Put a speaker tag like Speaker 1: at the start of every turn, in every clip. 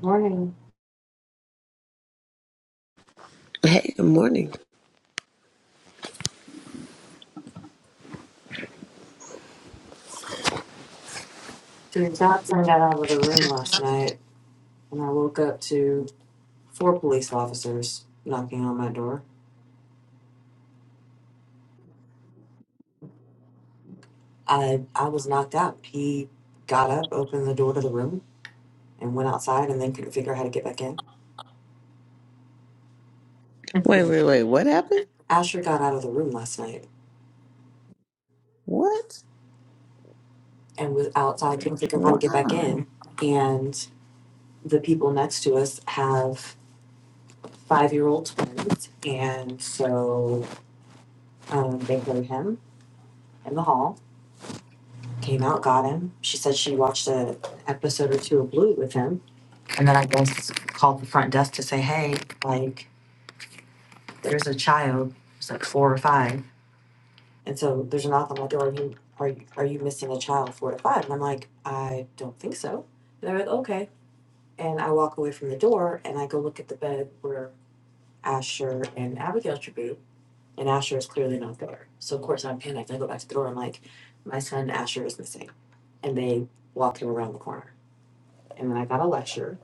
Speaker 1: Morning.
Speaker 2: Hey, good morning.
Speaker 1: So Johnson got out of the room last night, and I woke up to four police officers knocking on my door. I I was knocked out. He got up, opened the door to the room, and went outside, and then couldn't figure out how to get back in.
Speaker 2: Wait, wait, wait. What happened?
Speaker 1: Asher got out of the room last night
Speaker 2: What?
Speaker 1: and was outside, couldn't figure out how to get back
Speaker 2: Wow.
Speaker 1: in. And the people next to us have five year old twins, and so um, they heard him in the hall came out, got him. She said she watched a episode or two of Bluey with him, and then I guess called the front desk to say, "Hey, like, there's a child. It's like four or five, and so there's a knock on my door. Are you are you, are you missing a child four to five?" And I'm like, I don't think so. And they're like, okay. And I walk away from the door and I go look at the bed where Asher and Abigail should be, and Asher is clearly not there. So of course I'm panicked. I go back to the door. I'm like, my son Asher is missing, and they walk him around the corner. And then I got a lecture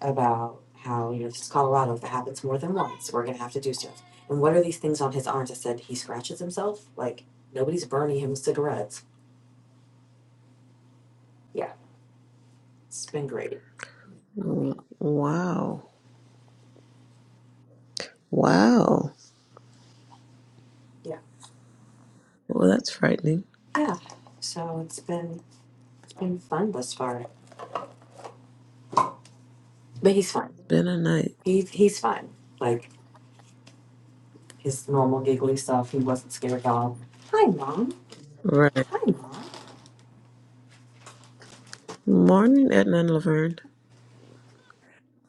Speaker 1: about how, you know, this is Colorado, if it happens more than once, we're going to have to do stuff. And what are these things on his arms? I said, he scratches himself. Like, nobody's burning him cigarettes. Yeah, it's been great.
Speaker 2: Wow. Wow.
Speaker 1: Yeah.
Speaker 2: Well, that's frightening. It's
Speaker 1: Yeah. So it's been it's been fun thus far. But he's fine.
Speaker 2: been a night.
Speaker 1: He, he's fine. Like, his normal giggly stuff. He wasn't scared at all. Hi, Mom.
Speaker 2: Right.
Speaker 1: Hi, Mom.
Speaker 2: Morning, Edna and Laverne.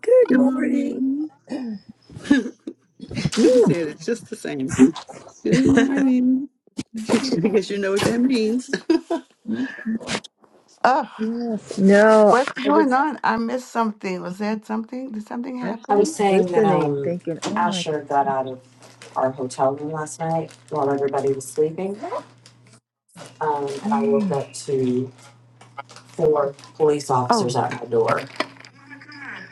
Speaker 3: Good
Speaker 4: Good
Speaker 3: morning.
Speaker 4: morning. I said it's just the same. Good morning. She said, because you know what that means.
Speaker 3: Mhm.
Speaker 4: Oh,
Speaker 3: No,
Speaker 4: what's
Speaker 3: I
Speaker 4: going
Speaker 3: was
Speaker 4: on? I missed something. Was that something? Did something
Speaker 3: I was
Speaker 1: I was
Speaker 3: just
Speaker 4: happen?
Speaker 1: saying that
Speaker 3: listening,
Speaker 1: um,
Speaker 3: thinking, oh my god,
Speaker 1: Asher got out of our hotel room last night while everybody was sleeping. um, and I looked
Speaker 3: mm,
Speaker 1: up to four police officers
Speaker 4: Oh,
Speaker 1: at my door.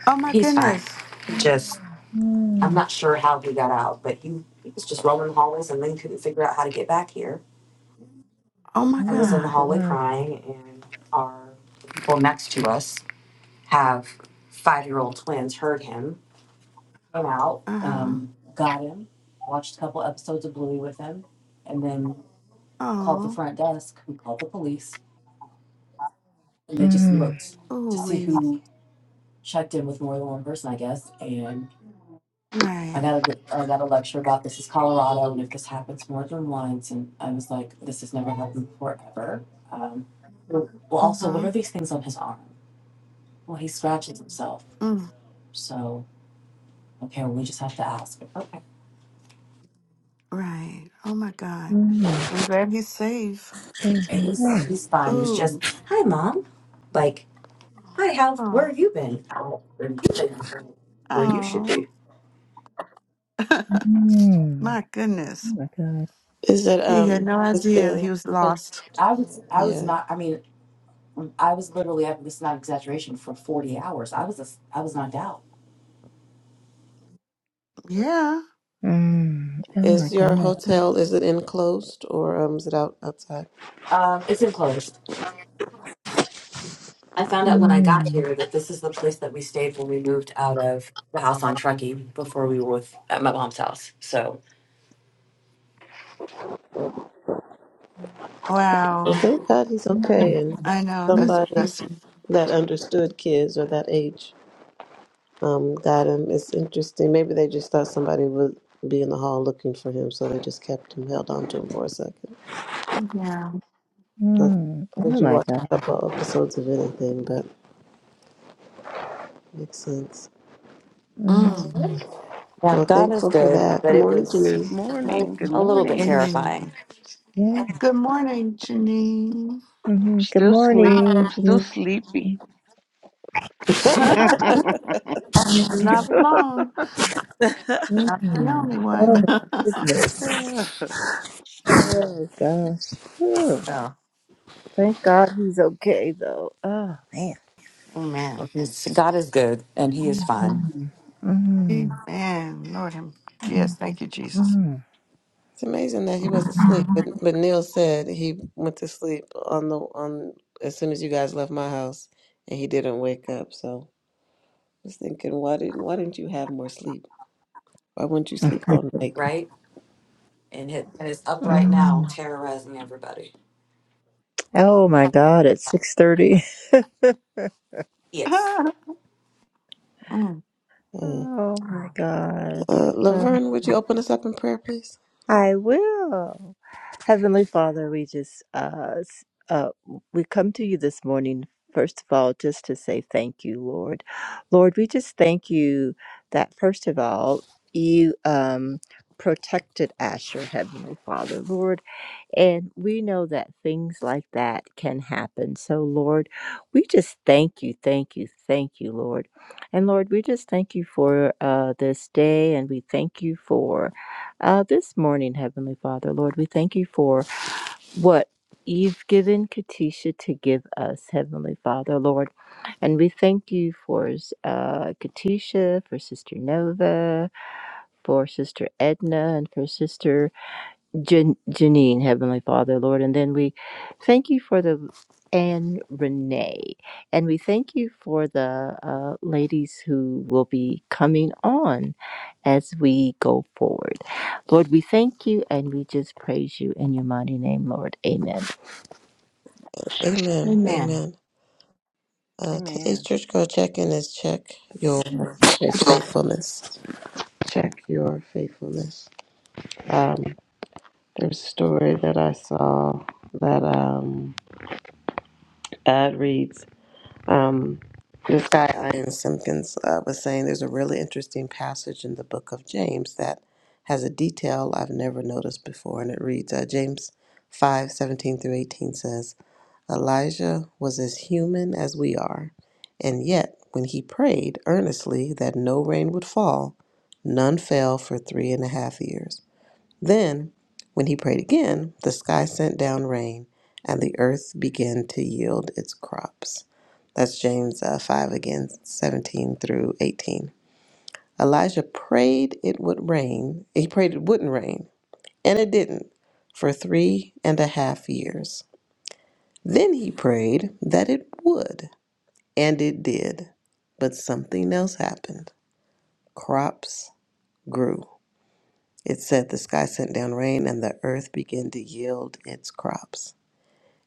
Speaker 4: oh my
Speaker 1: He's fine.
Speaker 4: goodness.
Speaker 1: Just, I'm
Speaker 3: mm,
Speaker 1: not sure how he got out, but he, he was just roaming the hallways and then couldn't figure out how to get back here.
Speaker 4: Oh my
Speaker 1: I
Speaker 3: oh
Speaker 1: was in
Speaker 3: my
Speaker 1: the
Speaker 4: God.
Speaker 1: hallway
Speaker 3: god,
Speaker 1: crying, and our people next to us have five year old twins heard him, went out,
Speaker 4: Uh huh.
Speaker 1: um, got him, watched a couple episodes of Bluey with him, and then called the
Speaker 4: Oh,
Speaker 1: front desk, who called the police, and they just
Speaker 3: mm,
Speaker 1: looked to
Speaker 4: oh,
Speaker 1: see
Speaker 4: Winnie.
Speaker 1: who checked in with more than one person, I guess, and I
Speaker 4: Right.
Speaker 1: got a, I got a lecture about this is Colorado, and if this happens more than once, and I was like, this has never happened before ever. Um, well,
Speaker 4: Uh
Speaker 1: also, what
Speaker 4: huh.
Speaker 1: are these things on his arm? Well, he scratches himself,
Speaker 4: Mm,
Speaker 1: so okay, well, we just have to ask. Okay,
Speaker 4: right. Oh my God.
Speaker 3: mm,
Speaker 4: I'm glad he's safe.
Speaker 3: Hey,
Speaker 1: And he's he's fine. It was
Speaker 4: Oh,
Speaker 1: just hi, mom, like hi, how where
Speaker 4: oh,
Speaker 1: have you been? Out and, and where you should be.
Speaker 4: oh.
Speaker 3: mm,
Speaker 4: My
Speaker 3: oh
Speaker 4: goodness.
Speaker 3: my god,
Speaker 2: Is it,
Speaker 4: He had
Speaker 2: um,
Speaker 4: no
Speaker 2: is
Speaker 4: idea
Speaker 2: the,
Speaker 4: he was
Speaker 2: oh,
Speaker 4: lost.
Speaker 1: I was I was
Speaker 2: yeah.
Speaker 1: not. I mean, I was literally, I- this is not exaggeration, for 40 hours. I was, as- I was knocked out.
Speaker 4: Yeah.
Speaker 3: mm, oh my
Speaker 2: Is your
Speaker 3: god,
Speaker 2: hotel, is it enclosed or, um, is it out outside?
Speaker 1: Um, it's enclosed. I found out when I got
Speaker 3: mm,
Speaker 1: here that this is the place that we stayed when we moved out of the house on Truckee before we were with at my mom's house. So
Speaker 2: Well,
Speaker 4: Wow.
Speaker 2: thank God he's okay and
Speaker 4: I know
Speaker 3: mm,
Speaker 4: that's a
Speaker 2: somebody
Speaker 4: blessing.
Speaker 2: that understood kids or that age um, got him. It's interesting. Maybe they just thought somebody would be in the hall looking for him, so they just kept him, held on to him for a second.
Speaker 4: Yeah.
Speaker 2: I
Speaker 3: mm, oh
Speaker 2: heard you
Speaker 3: my
Speaker 2: watch a
Speaker 3: god,
Speaker 2: couple of episodes of anything, but makes sense.
Speaker 3: mm,
Speaker 4: Mm.
Speaker 1: Yeah,
Speaker 2: Well,
Speaker 1: God is
Speaker 2: thankful for
Speaker 1: good,
Speaker 2: that.
Speaker 1: but
Speaker 2: Good
Speaker 1: it
Speaker 2: morning,
Speaker 1: was
Speaker 2: Janine.
Speaker 1: a,
Speaker 5: Morning. Good
Speaker 1: a little bit
Speaker 5: morning.
Speaker 1: terrifying.
Speaker 4: Amen.
Speaker 3: yeah.
Speaker 4: Good morning, Janine.
Speaker 3: hmm Good
Speaker 5: Still sleep.
Speaker 3: morning,
Speaker 5: I'm still
Speaker 3: Jimmy.
Speaker 5: sleepy.
Speaker 4: You're not alone. Not the
Speaker 3: Mm,
Speaker 4: only one.
Speaker 3: Oh my goodness,
Speaker 4: Mm.
Speaker 3: oh gosh, Whew.
Speaker 4: Oh,
Speaker 3: thank God he's okay though. Oh man.
Speaker 4: amen.
Speaker 1: It's- God is good, and He is fine.
Speaker 4: Amen. Lord, him.
Speaker 3: mm
Speaker 4: Yes, thank you, Jesus.
Speaker 3: Mm.
Speaker 2: It's amazing that he
Speaker 4: Mm.
Speaker 2: wasn't asleep, but but Neil said he went to sleep on the on as soon as you guys left my house, and he didn't wake up. So I was thinking, why didn't why didn't you have more sleep? Why wouldn't you sleep all night?
Speaker 1: right, and it and it's up right now,
Speaker 3: Mm.
Speaker 1: terrorizing everybody.
Speaker 3: Oh my god, it's 6:30.
Speaker 1: Yes.
Speaker 4: Mm.
Speaker 2: Uh,
Speaker 3: Oh my god.
Speaker 2: uh,
Speaker 3: Oh,
Speaker 2: Laverne, would you open us up in prayer, please?
Speaker 3: I will. Heavenly Father, we just uh s- uh we come to you this morning first of all just to say thank you, Lord. Lord, we just thank you that first of all you um protected Asher, Heavenly Father. Lord, And we know that things like that can happen. So, Lord, we just thank you, thank you, thank you, Lord. And Lord, we just thank you for uh, this day and we thank you for uh, this morning, Heavenly Father. Lord, we thank you for what you've given Katisha to give us, Heavenly Father, Lord. And we thank you for uh, Katisha, for Sister Nova, for Sister Edna, and for Sister. Jan- Janine, Heavenly Father, Lord. And then we thank you for the and Renee. And we thank you for the uh, ladies who will be coming on as we go forward. Lord, we thank you and we just praise you in your mighty name, Lord. Amen.
Speaker 2: Amen.
Speaker 4: Amen.
Speaker 2: Amen. Uh, today's
Speaker 5: Amen.
Speaker 2: church girl check in is check your
Speaker 3: Yes.
Speaker 2: faithfulness. Check your faithfulness. Um, there's a story that I saw that um, ad reads. Um, this guy, Ian Simpkins, uh, was saying there's a really interesting passage in the book of James that has a detail I've never noticed before, and it reads uh, James five seventeen through 18 says, Elijah was as human as we are, and yet when he prayed earnestly that no rain would fall, none fell for three and a half years. Then, when he prayed again, the sky sent down rain, and the earth began to yield its crops. That's James uh, 5 again, 17 through 18. Elijah prayed it would rain. He prayed it wouldn't rain, and it didn't for three and a half years. Then he prayed that it would, and it did. But something else happened. Crops grew. It said the sky sent down rain and the earth began to yield its crops.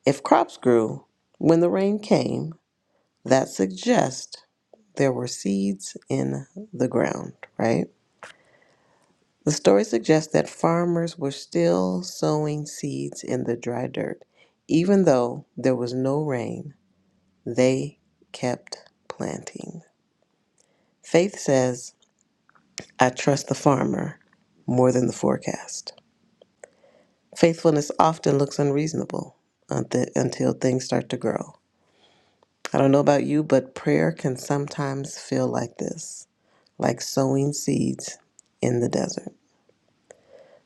Speaker 2: If crops grew when the rain came, that suggests there were seeds in the ground, right? The story suggests that farmers were still sowing seeds in the dry dirt. Even though there was no rain, they kept planting. Faith says, I trust the farmer more than the forecast. Faithfulness often looks unreasonable unti- until things start to grow. I don't know about you, but prayer can sometimes feel like this like sowing seeds in the desert.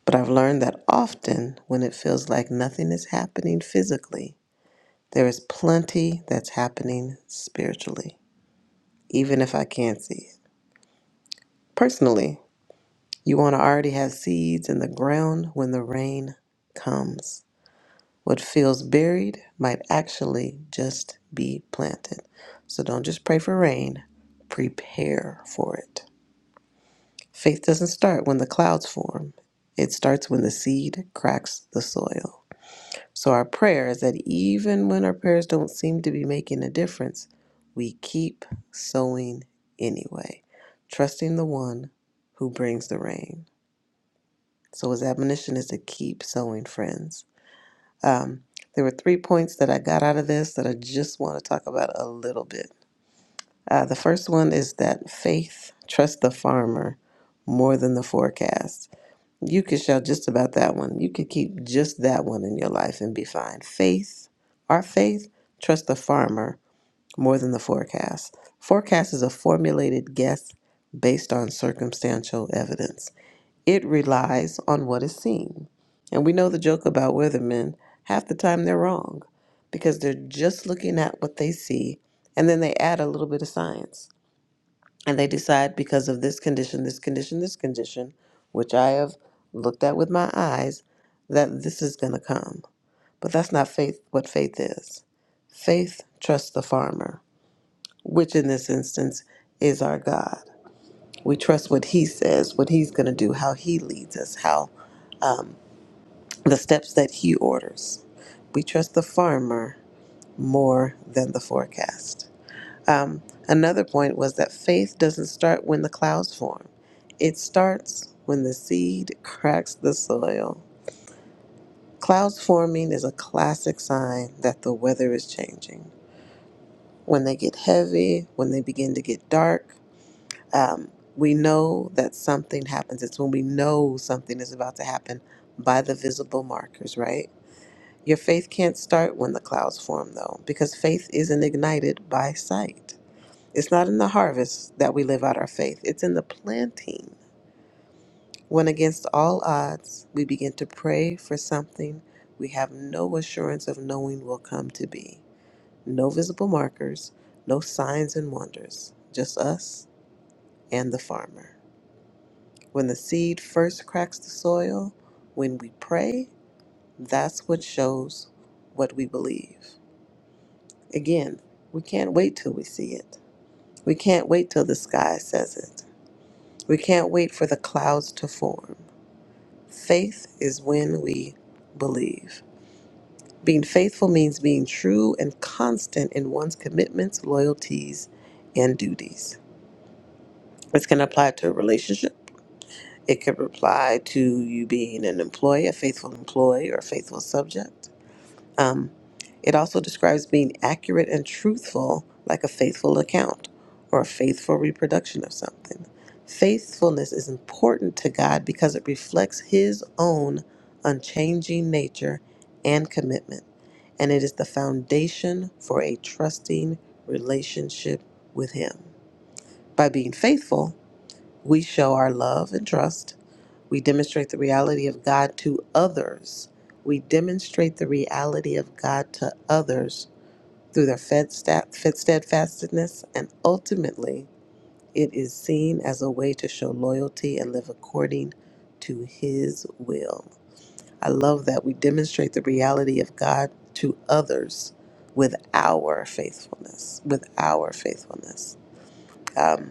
Speaker 2: But I've learned that often when it feels like nothing is happening physically, there is plenty that's happening spiritually, even if I can't see it. Personally, You want to already have seeds in the ground when the rain comes. What feels buried might actually just be planted. So don't just pray for rain, prepare for it. Faith doesn't start when the clouds form, it starts when the seed cracks the soil. So our prayer is that even when our prayers don't seem to be making a difference, we keep sowing anyway, trusting the one who brings the rain. So his admonition is to keep sowing, friends. Um, there were three points that I got out of this that I just want to talk about a little bit. Uh, the first one is that faith trusts the farmer more than the forecast. You could shout just about that one. You could keep just that one in your life and be fine. Faith, our faith, trusts the farmer more than the forecast. Forecast is a formulated guess based on circumstantial evidence. It relies on what is seen. And we know the joke about Weathermen. Half the time they're wrong because they're just looking at what they see and then they add a little bit of science. And they decide because of this condition, this condition, this condition, which I have looked at with my eyes, that this is going to come. But that's not faith what faith is. Faith trusts the farmer, which in this instance is our God. We trust what He says, what He's going to do, how He leads us, how um, the steps that he orders. We trust the farmer more than the forecast. Um, another point was that faith doesn't start when the clouds form, it starts when the seed cracks the soil. Clouds forming is a classic sign that the weather is changing. When they get heavy, when they begin to get dark, um, we know that something happens. It's when we know something is about to happen by the visible markers, right? Your faith can't start when the clouds form, though, because faith isn't ignited by sight. It's not in the harvest that we live out our faith, it's in the planting. When against all odds, we begin to pray for something we have no assurance of knowing will come to be. No visible markers, no signs and wonders, just us and the farmer. When the seed first cracks the soil, when we pray, that's what shows what we believe. Again, we can't wait till we see it. We can't wait till the sky says it. We can't wait for the clouds to form. Faith is when we believe. Being faithful means being true and constant in one's commitments, loyalties, and duties. This can apply to a relationship. It could apply to you being an employee, a faithful employee, or a faithful subject. Um, it also describes being accurate and truthful, like a faithful account or a faithful reproduction of something. Faithfulness is important to God because it reflects His own unchanging nature and commitment, and it is the foundation for a trusting relationship with Him. By being faithful, we show our love and trust we demonstrate the reality of God to others. We demonstrate the reality of God to others through their fed stat, fed steadfastness, and ultimately, it is seen as a way to show loyalty and live according to His will. I love that we demonstrate the reality of God to others with our faithfulness. With our faithfulness. Um.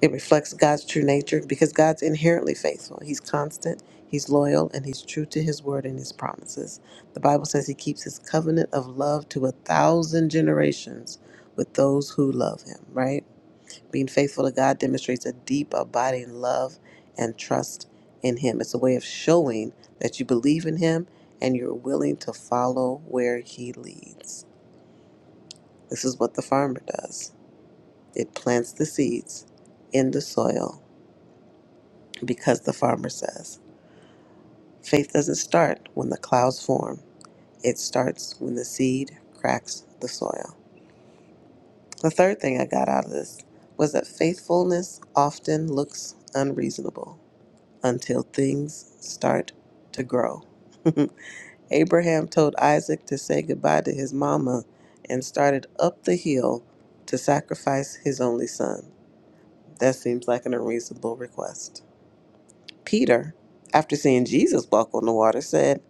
Speaker 2: It reflects God's true nature because God's inherently faithful. He's constant, He's loyal, and He's true to His word and His promises. The Bible says He keeps His covenant of love to a thousand generations with those who love Him, right? Being faithful to God demonstrates a deep, abiding love and trust in Him. It's a way of showing that you believe in Him and you're willing to follow where He leads. This is what the farmer does it plants the seeds in the soil because the farmer says, faith doesn't start when the clouds form, it starts when the seed cracks the soil. The third thing I got out of this was that faithfulness often looks unreasonable until things start to grow. Abraham told Isaac to say goodbye to his mama and started up the hill to sacrifice his only son. That seems like an unreasonable request. Peter, after seeing Jesus walk on the water, said,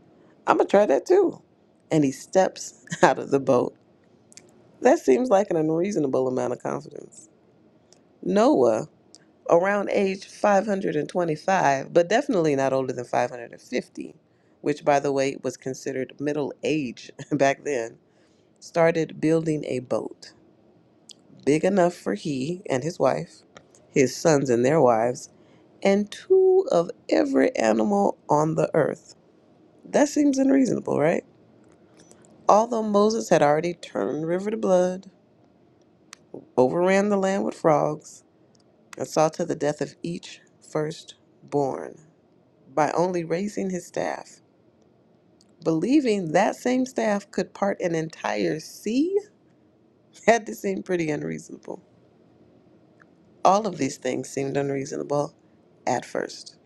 Speaker 2: I'm going to try that too. And he steps out of the boat. That seems like an unreasonable amount of confidence. Noah, around age 525, but definitely not older than 550, which, by the way, was considered middle age back then, started building a boat big enough for he and his wife, his sons and their wives, and two of every animal on the earth That seems unreasonable, right? Although Moses had already turned the river to blood, overran the land with frogs, and saw to the death of each firstborn by only raising his staff, believing that same staff could part an entire sea had to seem pretty unreasonable. All of these things seemed unreasonable at first,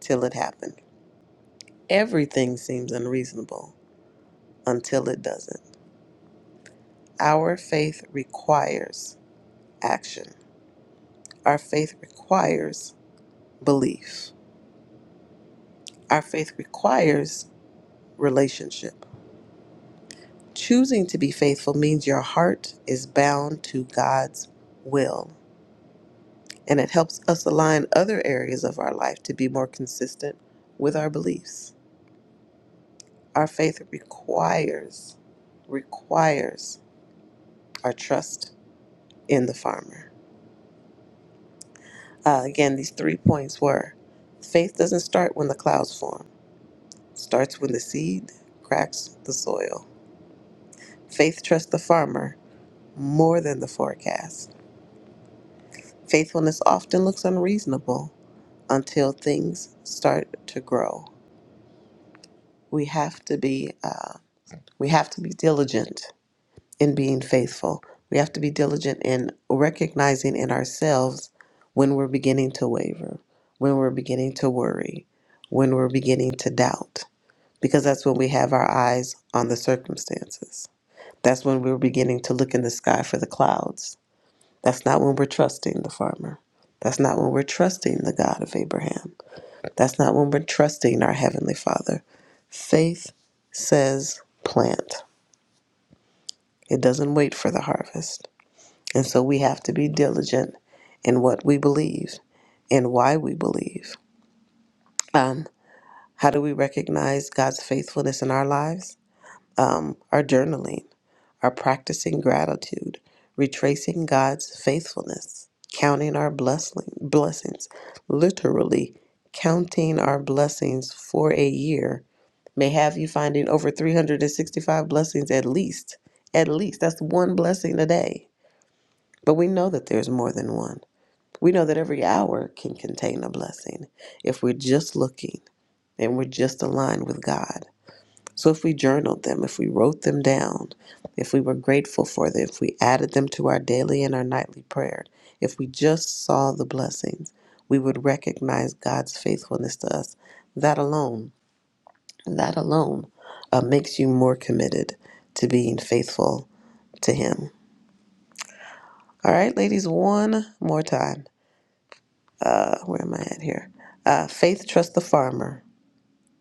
Speaker 2: till it happened. Everything seems unreasonable until it doesn't. Our faith requires action. Our faith requires belief, our faith requires relationship. Choosing to be faithful means your heart is bound to God's will, and it helps us align other areas of our life to be more consistent with our beliefs. Our faith requires, requires our trust in the farmer. Uh, again, these three points were faith doesn't start when the clouds form, it starts when the seed cracks the soil. Faith trusts the farmer more than the forecast. Faithfulness often looks unreasonable until things start to grow. We have to be uh, we have to be diligent in being faithful. We have to be diligent in recognizing in ourselves when we're beginning to waver, when we're beginning to worry, when we're beginning to doubt, because that's when we have our eyes on the circumstances. That's when we're beginning to look in the sky for the clouds That's not when we're trusting the farmer. That's not when we're trusting the God of Abraham. That's not when we're trusting our Heavenly Father. Faith says plant, it doesn't wait for the harvest. And so we have to be diligent in what we believe and why we believe. Um, how do we recognize God's faithfulness in our lives? Um, our journaling. are practicing gratitude, retracing God's faithfulness, counting our blessing, blessings, literally counting our blessings for a year may have you finding over 365 blessings at least. At least that's one blessing a day. But we know that there's more than one. We know that every hour can contain a blessing if we're just looking and we're just aligned with God. So if we journaled them, if we wrote them down, if we were grateful for them, if we added them to our daily and our nightly prayer, if we just saw the blessings, we would recognize God's faithfulness to us. That alone, that alone uh, makes you more committed to being faithful to Him. All right, ladies, one more time. Uh, where am I at here? Uh, faith, trust the farmer.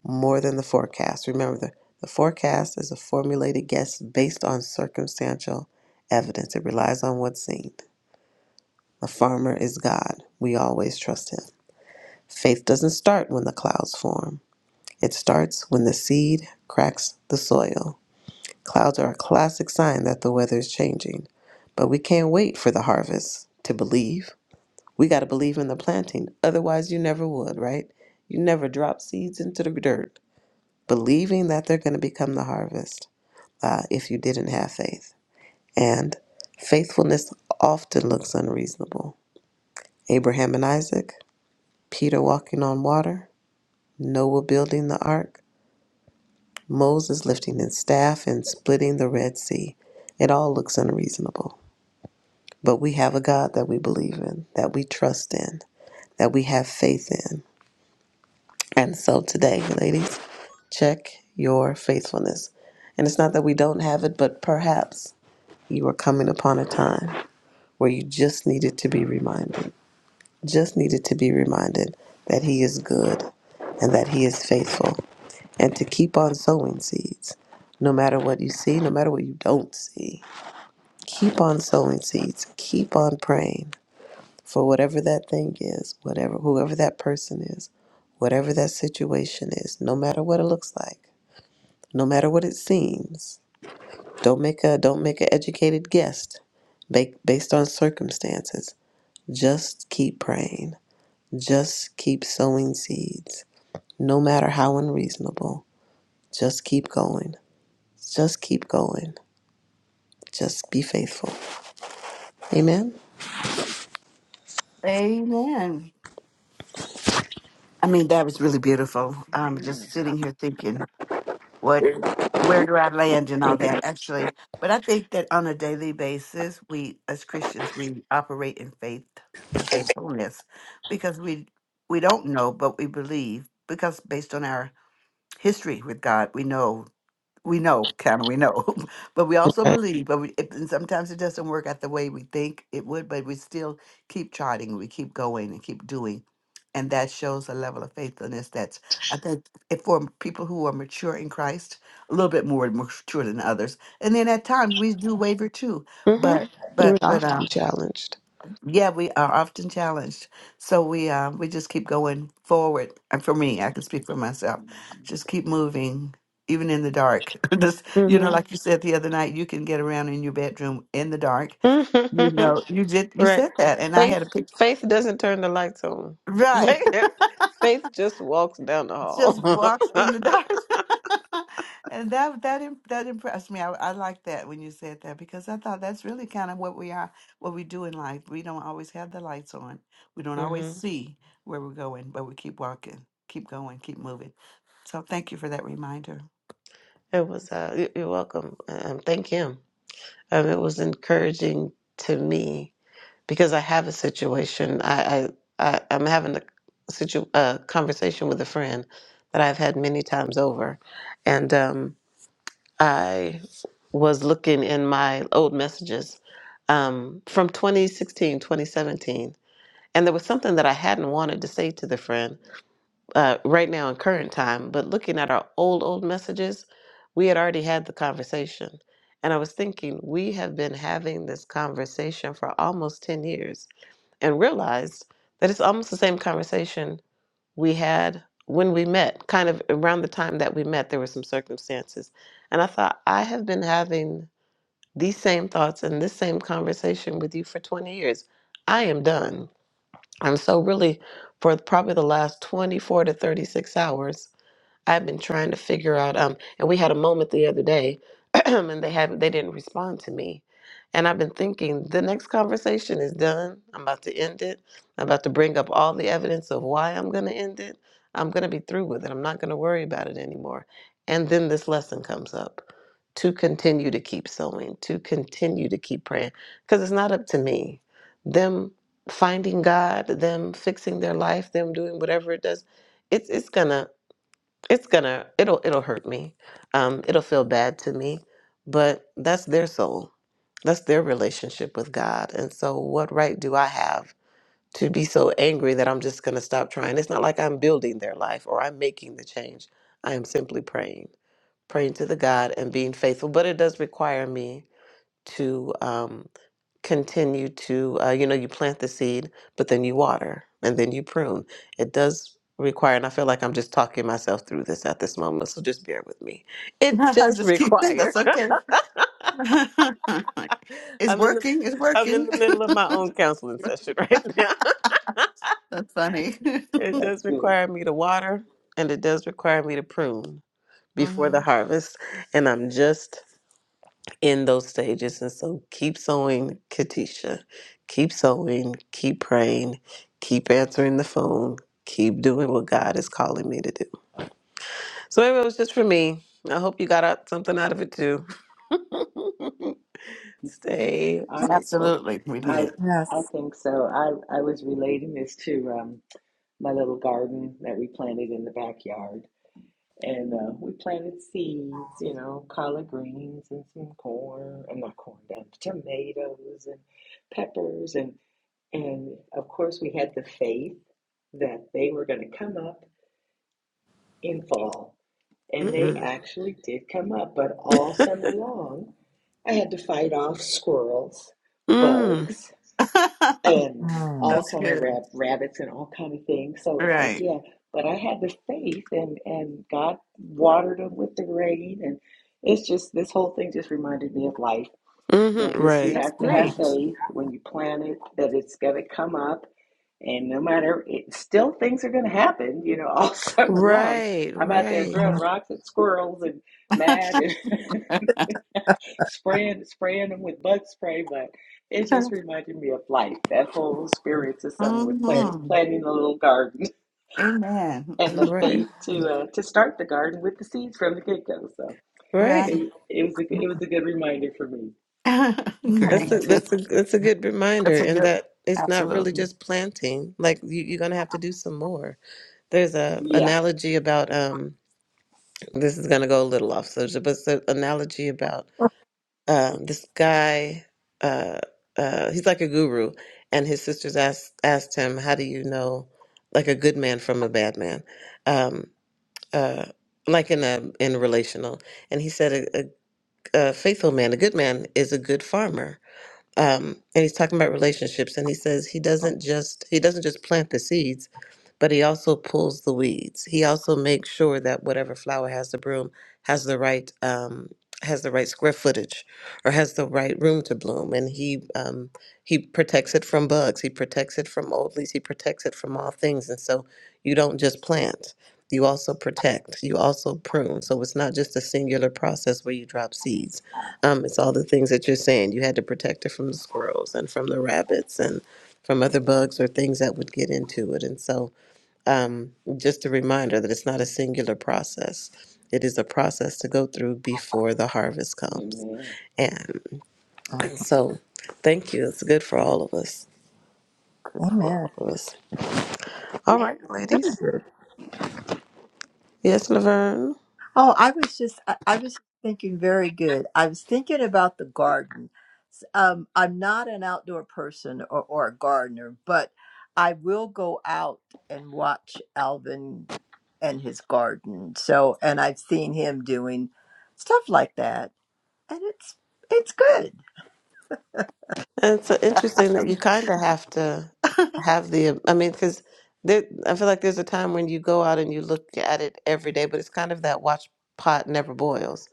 Speaker 2: more than the forecast. Remember, the, the forecast is a formulated guess based on circumstantial evidence, it relies on what's seen. The farmer is God. We always trust him. Faith doesn't start when the clouds form, it starts when the seed cracks the soil. Clouds are a classic sign that the weather is changing, but we can't wait for the harvest to believe. We got to believe in the planting, otherwise, you never would, right? You never drop seeds into the dirt believing that they're going to become the harvest uh, if you didn't have faith. And faithfulness often looks unreasonable. Abraham and Isaac, Peter walking on water, Noah building the ark, Moses lifting his staff and splitting the Red Sea. It all looks unreasonable. But we have a God that we believe in, that we trust in, that we have faith in. And so today, ladies, check your faithfulness. And it's not that we don't have it, but perhaps You are coming upon a time where you just needed to be reminded, just needed to be reminded that He is good and that He is faithful, and to keep on sowing seeds. No matter what you see, no matter what you don't see, keep on sowing seeds. Keep on praying for whatever that thing is, whatever whoever that person is, whatever that situation is, no matter what it looks like, no matter what it seems. Don't make a don't make an educated guess ba- based on circumstances Just keep praying. Just keep sowing seeds, no matter how unreasonable. Just keep going. Just keep going. Just be faithful. Amen.
Speaker 4: Amen. I mean, that was really beautiful. I'm
Speaker 5: Yeah.
Speaker 4: just sitting here thinking. what where do I land and all that actually. But I think that on a daily basis, we as Christians we operate in faith and faithfulness because we we don't know but we believe because based on our history with God, we know we know, kind of, we know, but we also
Speaker 2: Right.
Speaker 4: believe. But we, it, and sometimes it doesn't work out the way we think it would. But we still keep charting, we keep going, and keep doing, and that shows a level of faithfulness that's I think if for people who are mature in Christ, a little bit more mature than others. And then at times we do waver too,
Speaker 2: hmm
Speaker 4: but Sure. but
Speaker 2: We're
Speaker 4: but uh,
Speaker 2: often challenged.
Speaker 4: yeah, we are often challenged. So we uh, we just keep going forward. And for me, I can speak for myself.
Speaker 5: Mhm.
Speaker 4: Just keep moving, even in the dark. just you
Speaker 2: hmm
Speaker 4: know, like you said the other night, you can get around in your bedroom in the dark. You know, you did you
Speaker 2: right.
Speaker 4: said that, and I
Speaker 2: Faith
Speaker 4: had a picture.
Speaker 2: faith doesn't turn the lights on.
Speaker 4: Right.
Speaker 2: faith just walks down the hall.
Speaker 4: just walks in the dark. and that that imp- that impressed me. I, I like that when you said that because I thought that's really kind of what we are, what we do in life. We don't always have the lights on. We don't always
Speaker 2: hmm
Speaker 4: see where we're going, but we keep walking, keep going, keep moving. So thank you for that reminder.
Speaker 2: It was uh, you- you're welcome. Um, thank him. Um, it was encouraging to me because I have a situation. I, I, I I'm having a situ uh, conversation with a friend that I've had many times over, and um, I was looking in my old messages um, from 2016, 2017. And there was something that I hadn't wanted to say to the friend uh, right now in current time, but looking at our old, old messages, we had already had the conversation. And I was thinking, we have been having this conversation for almost 10 years and realized that it's almost the same conversation we had when we met, kind of around the time that we met, there were some circumstances. And I thought, I have been having these same thoughts and this same conversation with you for 20 years. I am done. And so, really, for probably the last 24 to 36 hours, I've been trying to figure out um and we had a moment the other day and they haven't they didn't respond to me. And I've been thinking the next conversation is done. I'm about to end it. I'm about to bring up all the evidence of why I'm going to end it. I'm going to be through with it. I'm not going to worry about it anymore. And then this lesson comes up to continue to keep sowing, to continue to keep praying because it's not up to me. Them finding God, them fixing their life, them doing whatever it does, it's it's gonna it's gonna it'll it'll hurt me um it'll feel bad to me but that's their soul that's their relationship with god and so what right do i have to be so angry that i'm just gonna stop trying it's not like i'm building their life or i'm making the change i am simply praying praying to the god and being faithful but it does require me to um continue to uh, you know you plant the seed but then you water and then you prune it does require and i feel like i'm just talking myself through this at this moment so just bear with me it
Speaker 4: I
Speaker 2: does
Speaker 4: just keep saying that's
Speaker 2: require
Speaker 4: okay. it's
Speaker 2: i'm in the
Speaker 4: working. It's
Speaker 2: i'm in
Speaker 4: working.
Speaker 2: the middle of my own counseling session right now
Speaker 4: that's funny.
Speaker 2: it
Speaker 5: That's
Speaker 2: does
Speaker 5: good.
Speaker 2: require me to water and it does require me to prune before
Speaker 4: hmm
Speaker 2: the harvest and i'm just in those stages. And so keep sewing, Katisha. Keep sewing, keep praying, keep answering the phone, keep doing what God is calling me to do. So anyway, it was just for me. I hope you got out something out of it too. Stay
Speaker 5: I'm
Speaker 2: faithful.
Speaker 4: Absolutely, we
Speaker 5: I
Speaker 4: did.
Speaker 5: I think so. I I was relating this to um my little garden that we planted in the backyard. And uh, we planted seeds, you know, collard greens and some corn, I'm not corn, um, tomatoes and peppers and and of course we had the faith that they were going to come up in fall And they
Speaker 2: Mm-hmm.
Speaker 5: actually did come up, but all summer long, I had to fight off squirrels,
Speaker 2: Mm,
Speaker 5: bugs, and
Speaker 3: Mm,
Speaker 5: all
Speaker 4: that's
Speaker 5: kind of
Speaker 4: good.
Speaker 5: rab- rabbits and all kind of things. So it's like,
Speaker 4: Right.
Speaker 5: yeah, but I had the faith, and and God watered them with the rain, and it's just this whole thing just reminded me of life. You know,
Speaker 2: hmm
Speaker 5: just you
Speaker 2: Right.
Speaker 4: That's
Speaker 5: have to have
Speaker 4: great.
Speaker 5: faith when you plant it that it's going to come up and no matter, it, still things are going to happen, you know, all summer long.
Speaker 2: Right.
Speaker 5: I'm out there
Speaker 2: Right.
Speaker 5: throwing rocks at squirrels and mad and spraying spraying them with bug spray, but it just reminded me of life. That whole experience of summer with planting
Speaker 4: Mhm.
Speaker 5: planting a little garden
Speaker 4: Amen.
Speaker 5: and the
Speaker 2: Right.
Speaker 5: faith to uh, to start the garden with the seeds from the get go. So
Speaker 4: Right.
Speaker 2: Right.
Speaker 5: it it was a it was a good reminder for me.
Speaker 3: Amen.
Speaker 2: That's
Speaker 4: Great.
Speaker 2: a that's a that's a good reminder
Speaker 4: That's a
Speaker 2: and
Speaker 4: good,
Speaker 2: that it's not really
Speaker 4: absolutely.
Speaker 2: just planting. Like you, you're gonna have to do some more There's a
Speaker 5: Yeah,
Speaker 2: analogy about um this is gonna go a little off subject, but it's an analogy about um this guy uh uh he's like a guru and his sisters asked asked him, How do you know like a good man from a bad man? Um uh like in a in relational and he said a, a, a faithful man, a good man is a good farmer um, and he's talking about relationships and he says he doesn't just he doesn't just plant the seeds but he also pulls the weeds he also makes sure that whatever flower has the broom has the right um, has the right square footage or has the right room to bloom and he um, he protects it from bugs he protects it from old leaves he protects it from all things and so you don't just plant you also protect you also prune so it's not just a singular process where you drop seeds um, it's all the things that you're saying. You had to protect it from the squirrels and from the rabbits and from other bugs or things that would get into it. And so, um, just a reminder that it's not a singular process. It is a process to go through before the harvest comes.
Speaker 5: amen.
Speaker 2: And so, thank you. It's good for all of us. Good for all of us. All right, ladies.
Speaker 3: Amen.
Speaker 2: Yes, Laverne.
Speaker 3: Oh, I was just, I, I was thinking very good. I was thinking about the garden. S- Um, I'm not an outdoor person or, or a gardener, but I will go out and watch Alvin and his garden. So, and I've seen him doing stuff like that, and it's it's good.
Speaker 2: And it's so interesting that you kind of have to have the, I mean, because there, I feel like there's a time when you go out and you look at it every day, but it's kind of that watch pot never boils.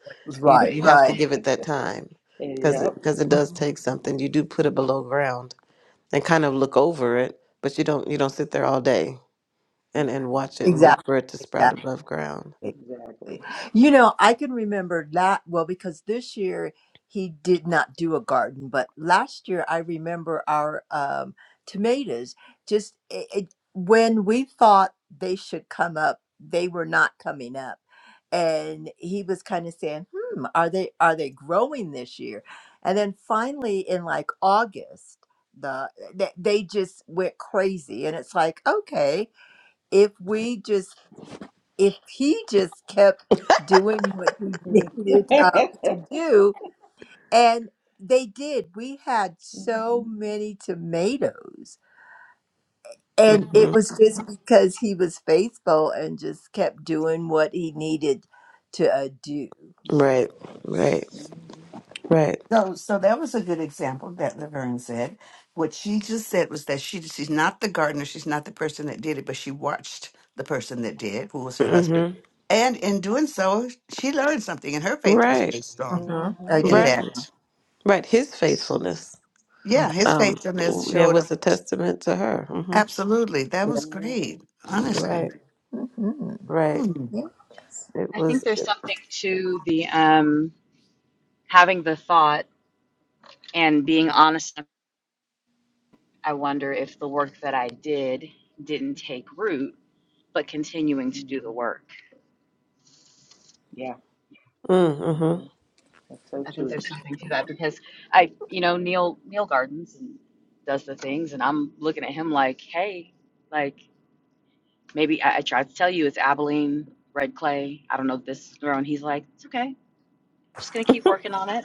Speaker 2: You
Speaker 3: Right,
Speaker 2: you have to
Speaker 3: right,
Speaker 2: give it that time because
Speaker 5: Yep,
Speaker 2: it, because it does take something. You do put it below ground and kind of look over it, but you don't you don't sit there all day and and
Speaker 5: Mhm.
Speaker 2: watch it and wait
Speaker 3: exactly,
Speaker 2: for it to sprout
Speaker 3: exactly.
Speaker 2: above ground.
Speaker 5: exactly.
Speaker 3: You know, I can remember that well because this year he did not do a garden, but last year I remember our um, tomatoes just it, it, when we thought they should come up, they were not coming up, and he was kind of saying, "Hmm, are they are they growing this year?" And then finally, in like August, the they, they just went crazy, and it's like, okay, if we just if he just kept doing what he needed uh, to do, and they did. We had so many tomatoes, and it
Speaker 2: hmm
Speaker 3: was just because he was faithful and just kept doing what he needed to uh, do.
Speaker 5: Mhm.
Speaker 2: Right, right,
Speaker 5: Mhm.
Speaker 2: right.
Speaker 4: So, so that was a good example that Laverne said. What she just said was that she she's not the gardener, she's not the person that did it, but she watched the person that did, who was her husband,
Speaker 2: hmm
Speaker 4: and in doing so, she learned something, and her faith was
Speaker 2: Right,
Speaker 4: really strong
Speaker 3: hmm I
Speaker 5: Mhm.
Speaker 4: in
Speaker 3: did.
Speaker 4: that.
Speaker 2: right, right. His faithfulness.
Speaker 3: Mhm.
Speaker 4: Yeah, his
Speaker 2: um
Speaker 4: faithfulness
Speaker 5: Mhm.
Speaker 2: yeah
Speaker 4: showed up.
Speaker 2: was a testament to her hmm
Speaker 4: Absolutely, that
Speaker 3: Yeah.
Speaker 4: was great.
Speaker 5: Mhm.
Speaker 4: Honestly,
Speaker 2: right
Speaker 5: Amen.
Speaker 3: Mhm.
Speaker 2: right
Speaker 4: Hmm.
Speaker 3: Yeah.
Speaker 2: it
Speaker 1: I think
Speaker 2: was
Speaker 1: there's something to the um, having the thought and being honest. I wonder if the work that I did didn't take root, but continuing to do the
Speaker 5: Mhm.
Speaker 1: work.
Speaker 5: Yeah.
Speaker 2: mm-hmm.
Speaker 5: Mhm. That's so
Speaker 1: I think
Speaker 5: true.
Speaker 1: there's something to that because I, you know, Neil Neil Gardens and does the things, and I'm looking at him like, hey, like maybe I, I tried to tell you it's Abilene red clay. I don't know if this is grown. He's like, it's okay. Just gonna keep working on it.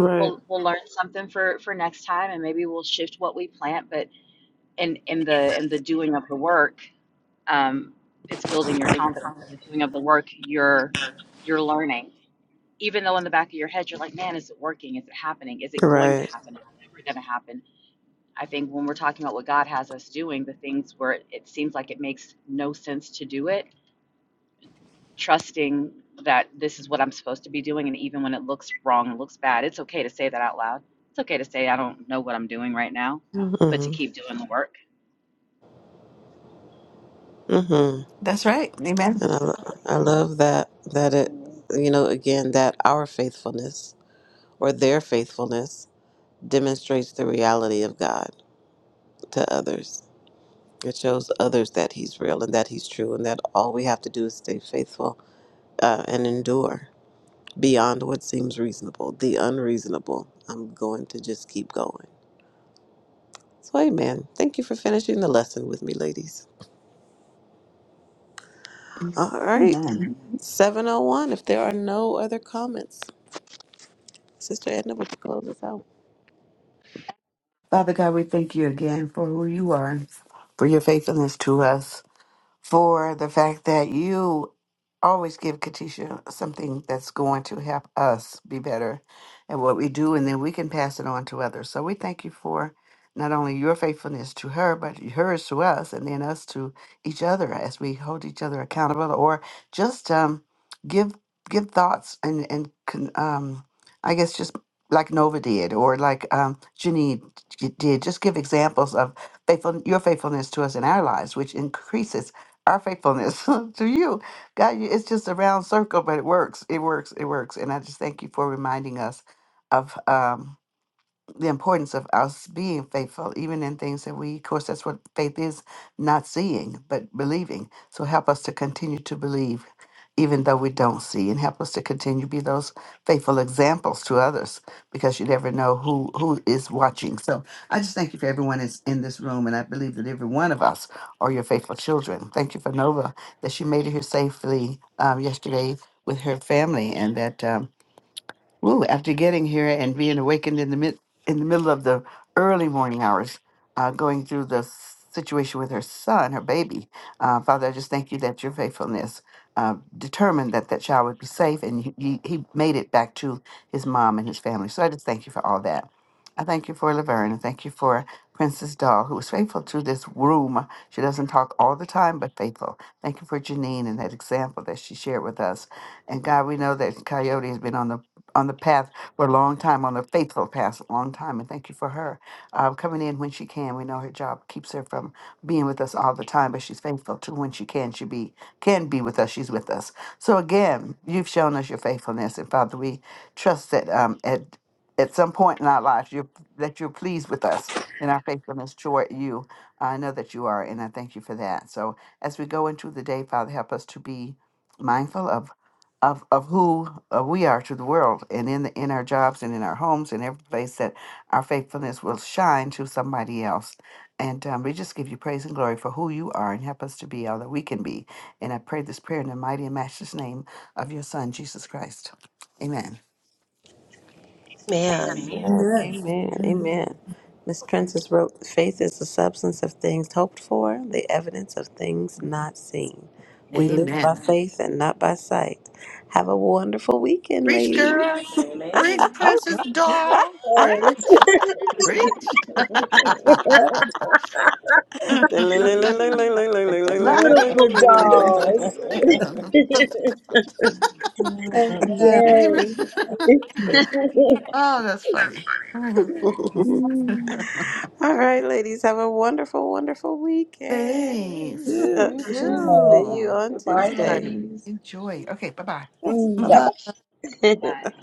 Speaker 2: right
Speaker 1: We'll we'll learn something for for next time, and maybe we'll shift what we plant. But in in the in the doing of the work, um, it's building your confidence in the doing of the work you're you're learning even though in the back of your head you're like man is it working is it happening is it going to
Speaker 2: right
Speaker 1: happen is it ever going to happen i think when we're talking about what god has us doing the things where it, it seems like it makes no sense to do it trusting that this is what i'm supposed to be doing and even when it looks wrong and looks bad it's okay to say that out loud it's okay to say i don't know what i'm doing right now but to
Speaker 2: mm-hmm.
Speaker 1: keep doing the work
Speaker 2: Mm-hmm.
Speaker 4: That's right. Amen.
Speaker 2: and I, lo- I love that that it
Speaker 5: Amen.
Speaker 2: you know again that our faithfulness or their faithfulness demonstrates the reality of god to others it shows others that he's real and that he's true and that all we have to do is stay faithful uh, and endure beyond what seems reasonable the unreasonable i'm going to just keep going So, amen. Thank you for finishing the lesson with me, ladies. All right.
Speaker 4: Amen.
Speaker 2: 701, if there are no other comments, Sister Edna, would you close us out?
Speaker 4: Father God, we thank you again for who you are, for your faithfulness to us. for the fact that you always give Katisha something that's going to help us be better at what we do, and then we can pass it on to others. So we thank you for not only your faithfulness to her, but hers to us, and then us to each other as we hold each other accountable, or just um, give give thoughts and and con- um, I guess just like Nova did, or like um, Janine did, just give examples of faithful your faithfulness to us in our lives, which increases our faithfulness to you. God, you- it's just a round circle, but it works. It works. It works. And I just thank you for reminding us of. Um, the importance of us being faithful, even in things that we, of course, that's what faith is not seeing, but believing. So help us to continue to believe, even though we don't see, and help us to continue to be those faithful examples to others, because you never know who, who is watching. So I just thank you for everyone that's in this room, and I believe that every one of us are your faithful children. Thank you for Nova, that she made it here safely um, yesterday with her family, and that. Um, Ooh, after getting here and being awakened in the mid in the middle of the early morning hours, uh, going through the s- situation with her son, her baby, uh, Father, I just thank you that your faithfulness uh, determined that that child would be safe, and he, he he made it back to his mom and his family. So I just thank you for all that. I thank you for Laverne, and thank you for Princess Doll, who was faithful to this room. She doesn't talk all the time, but faithful. Thank you for Janine and that example that she shared with us. And God, we know that Coyote has been on the on the path for a long time, on the faithful path, a long time. And thank you for her uh, coming in when she can. We know her job keeps her from being with us all the time, but she's faithful to when she can. She be can be with us. She's with us. So again, you've shown us your faithfulness, and Father, we trust that um, at at some point in our lives, you that you're pleased with us in our faithfulness toward you. I know that you are, and I thank you for that. So as we go into the day, Father, help us to be mindful of of of who uh, we are to the world and in the, in our jobs and in our homes and every place that our faithfulness will shine to somebody else and um, we just give you praise and glory for who you are and help us to be all that we can be and i pray this prayer in the mighty and matchless name of your son jesus christ amen
Speaker 6: Man.
Speaker 5: Amen.
Speaker 2: Amen.
Speaker 3: Amen.
Speaker 2: Amen.
Speaker 3: Mm.
Speaker 2: Amen. Miss Princess wrote, Faith is the substance of things hoped for, the evidence of things not seen. We
Speaker 5: Amen.
Speaker 2: live
Speaker 4: amen
Speaker 2: by faith and not by sight. Have a wonderful weekend,
Speaker 4: preach
Speaker 2: ladies.
Speaker 4: girl preach
Speaker 5: Amen.
Speaker 3: All
Speaker 4: princess doll
Speaker 6: Oh.
Speaker 4: preach preach
Speaker 3: right.
Speaker 5: Amen.
Speaker 6: Beautiful dolls.
Speaker 3: Amen.
Speaker 6: yes.
Speaker 4: amen
Speaker 3: Number
Speaker 4: Oh, that's funny.
Speaker 6: Mm.
Speaker 2: All right, ladies, have a wonderful, wonderful weekend.
Speaker 4: Thanks.
Speaker 3: two.
Speaker 4: You
Speaker 5: you
Speaker 2: See
Speaker 6: Yeah.
Speaker 5: too.
Speaker 2: you
Speaker 4: too.
Speaker 2: on
Speaker 5: Goodbye,
Speaker 2: Tuesday.
Speaker 4: Everybody.
Speaker 5: ladies.
Speaker 4: Enjoy. Okay, bye
Speaker 3: Yes.
Speaker 6: Mm,
Speaker 4: bye.
Speaker 3: Bye bye.
Speaker 6: bye-bye.
Speaker 1: Bye.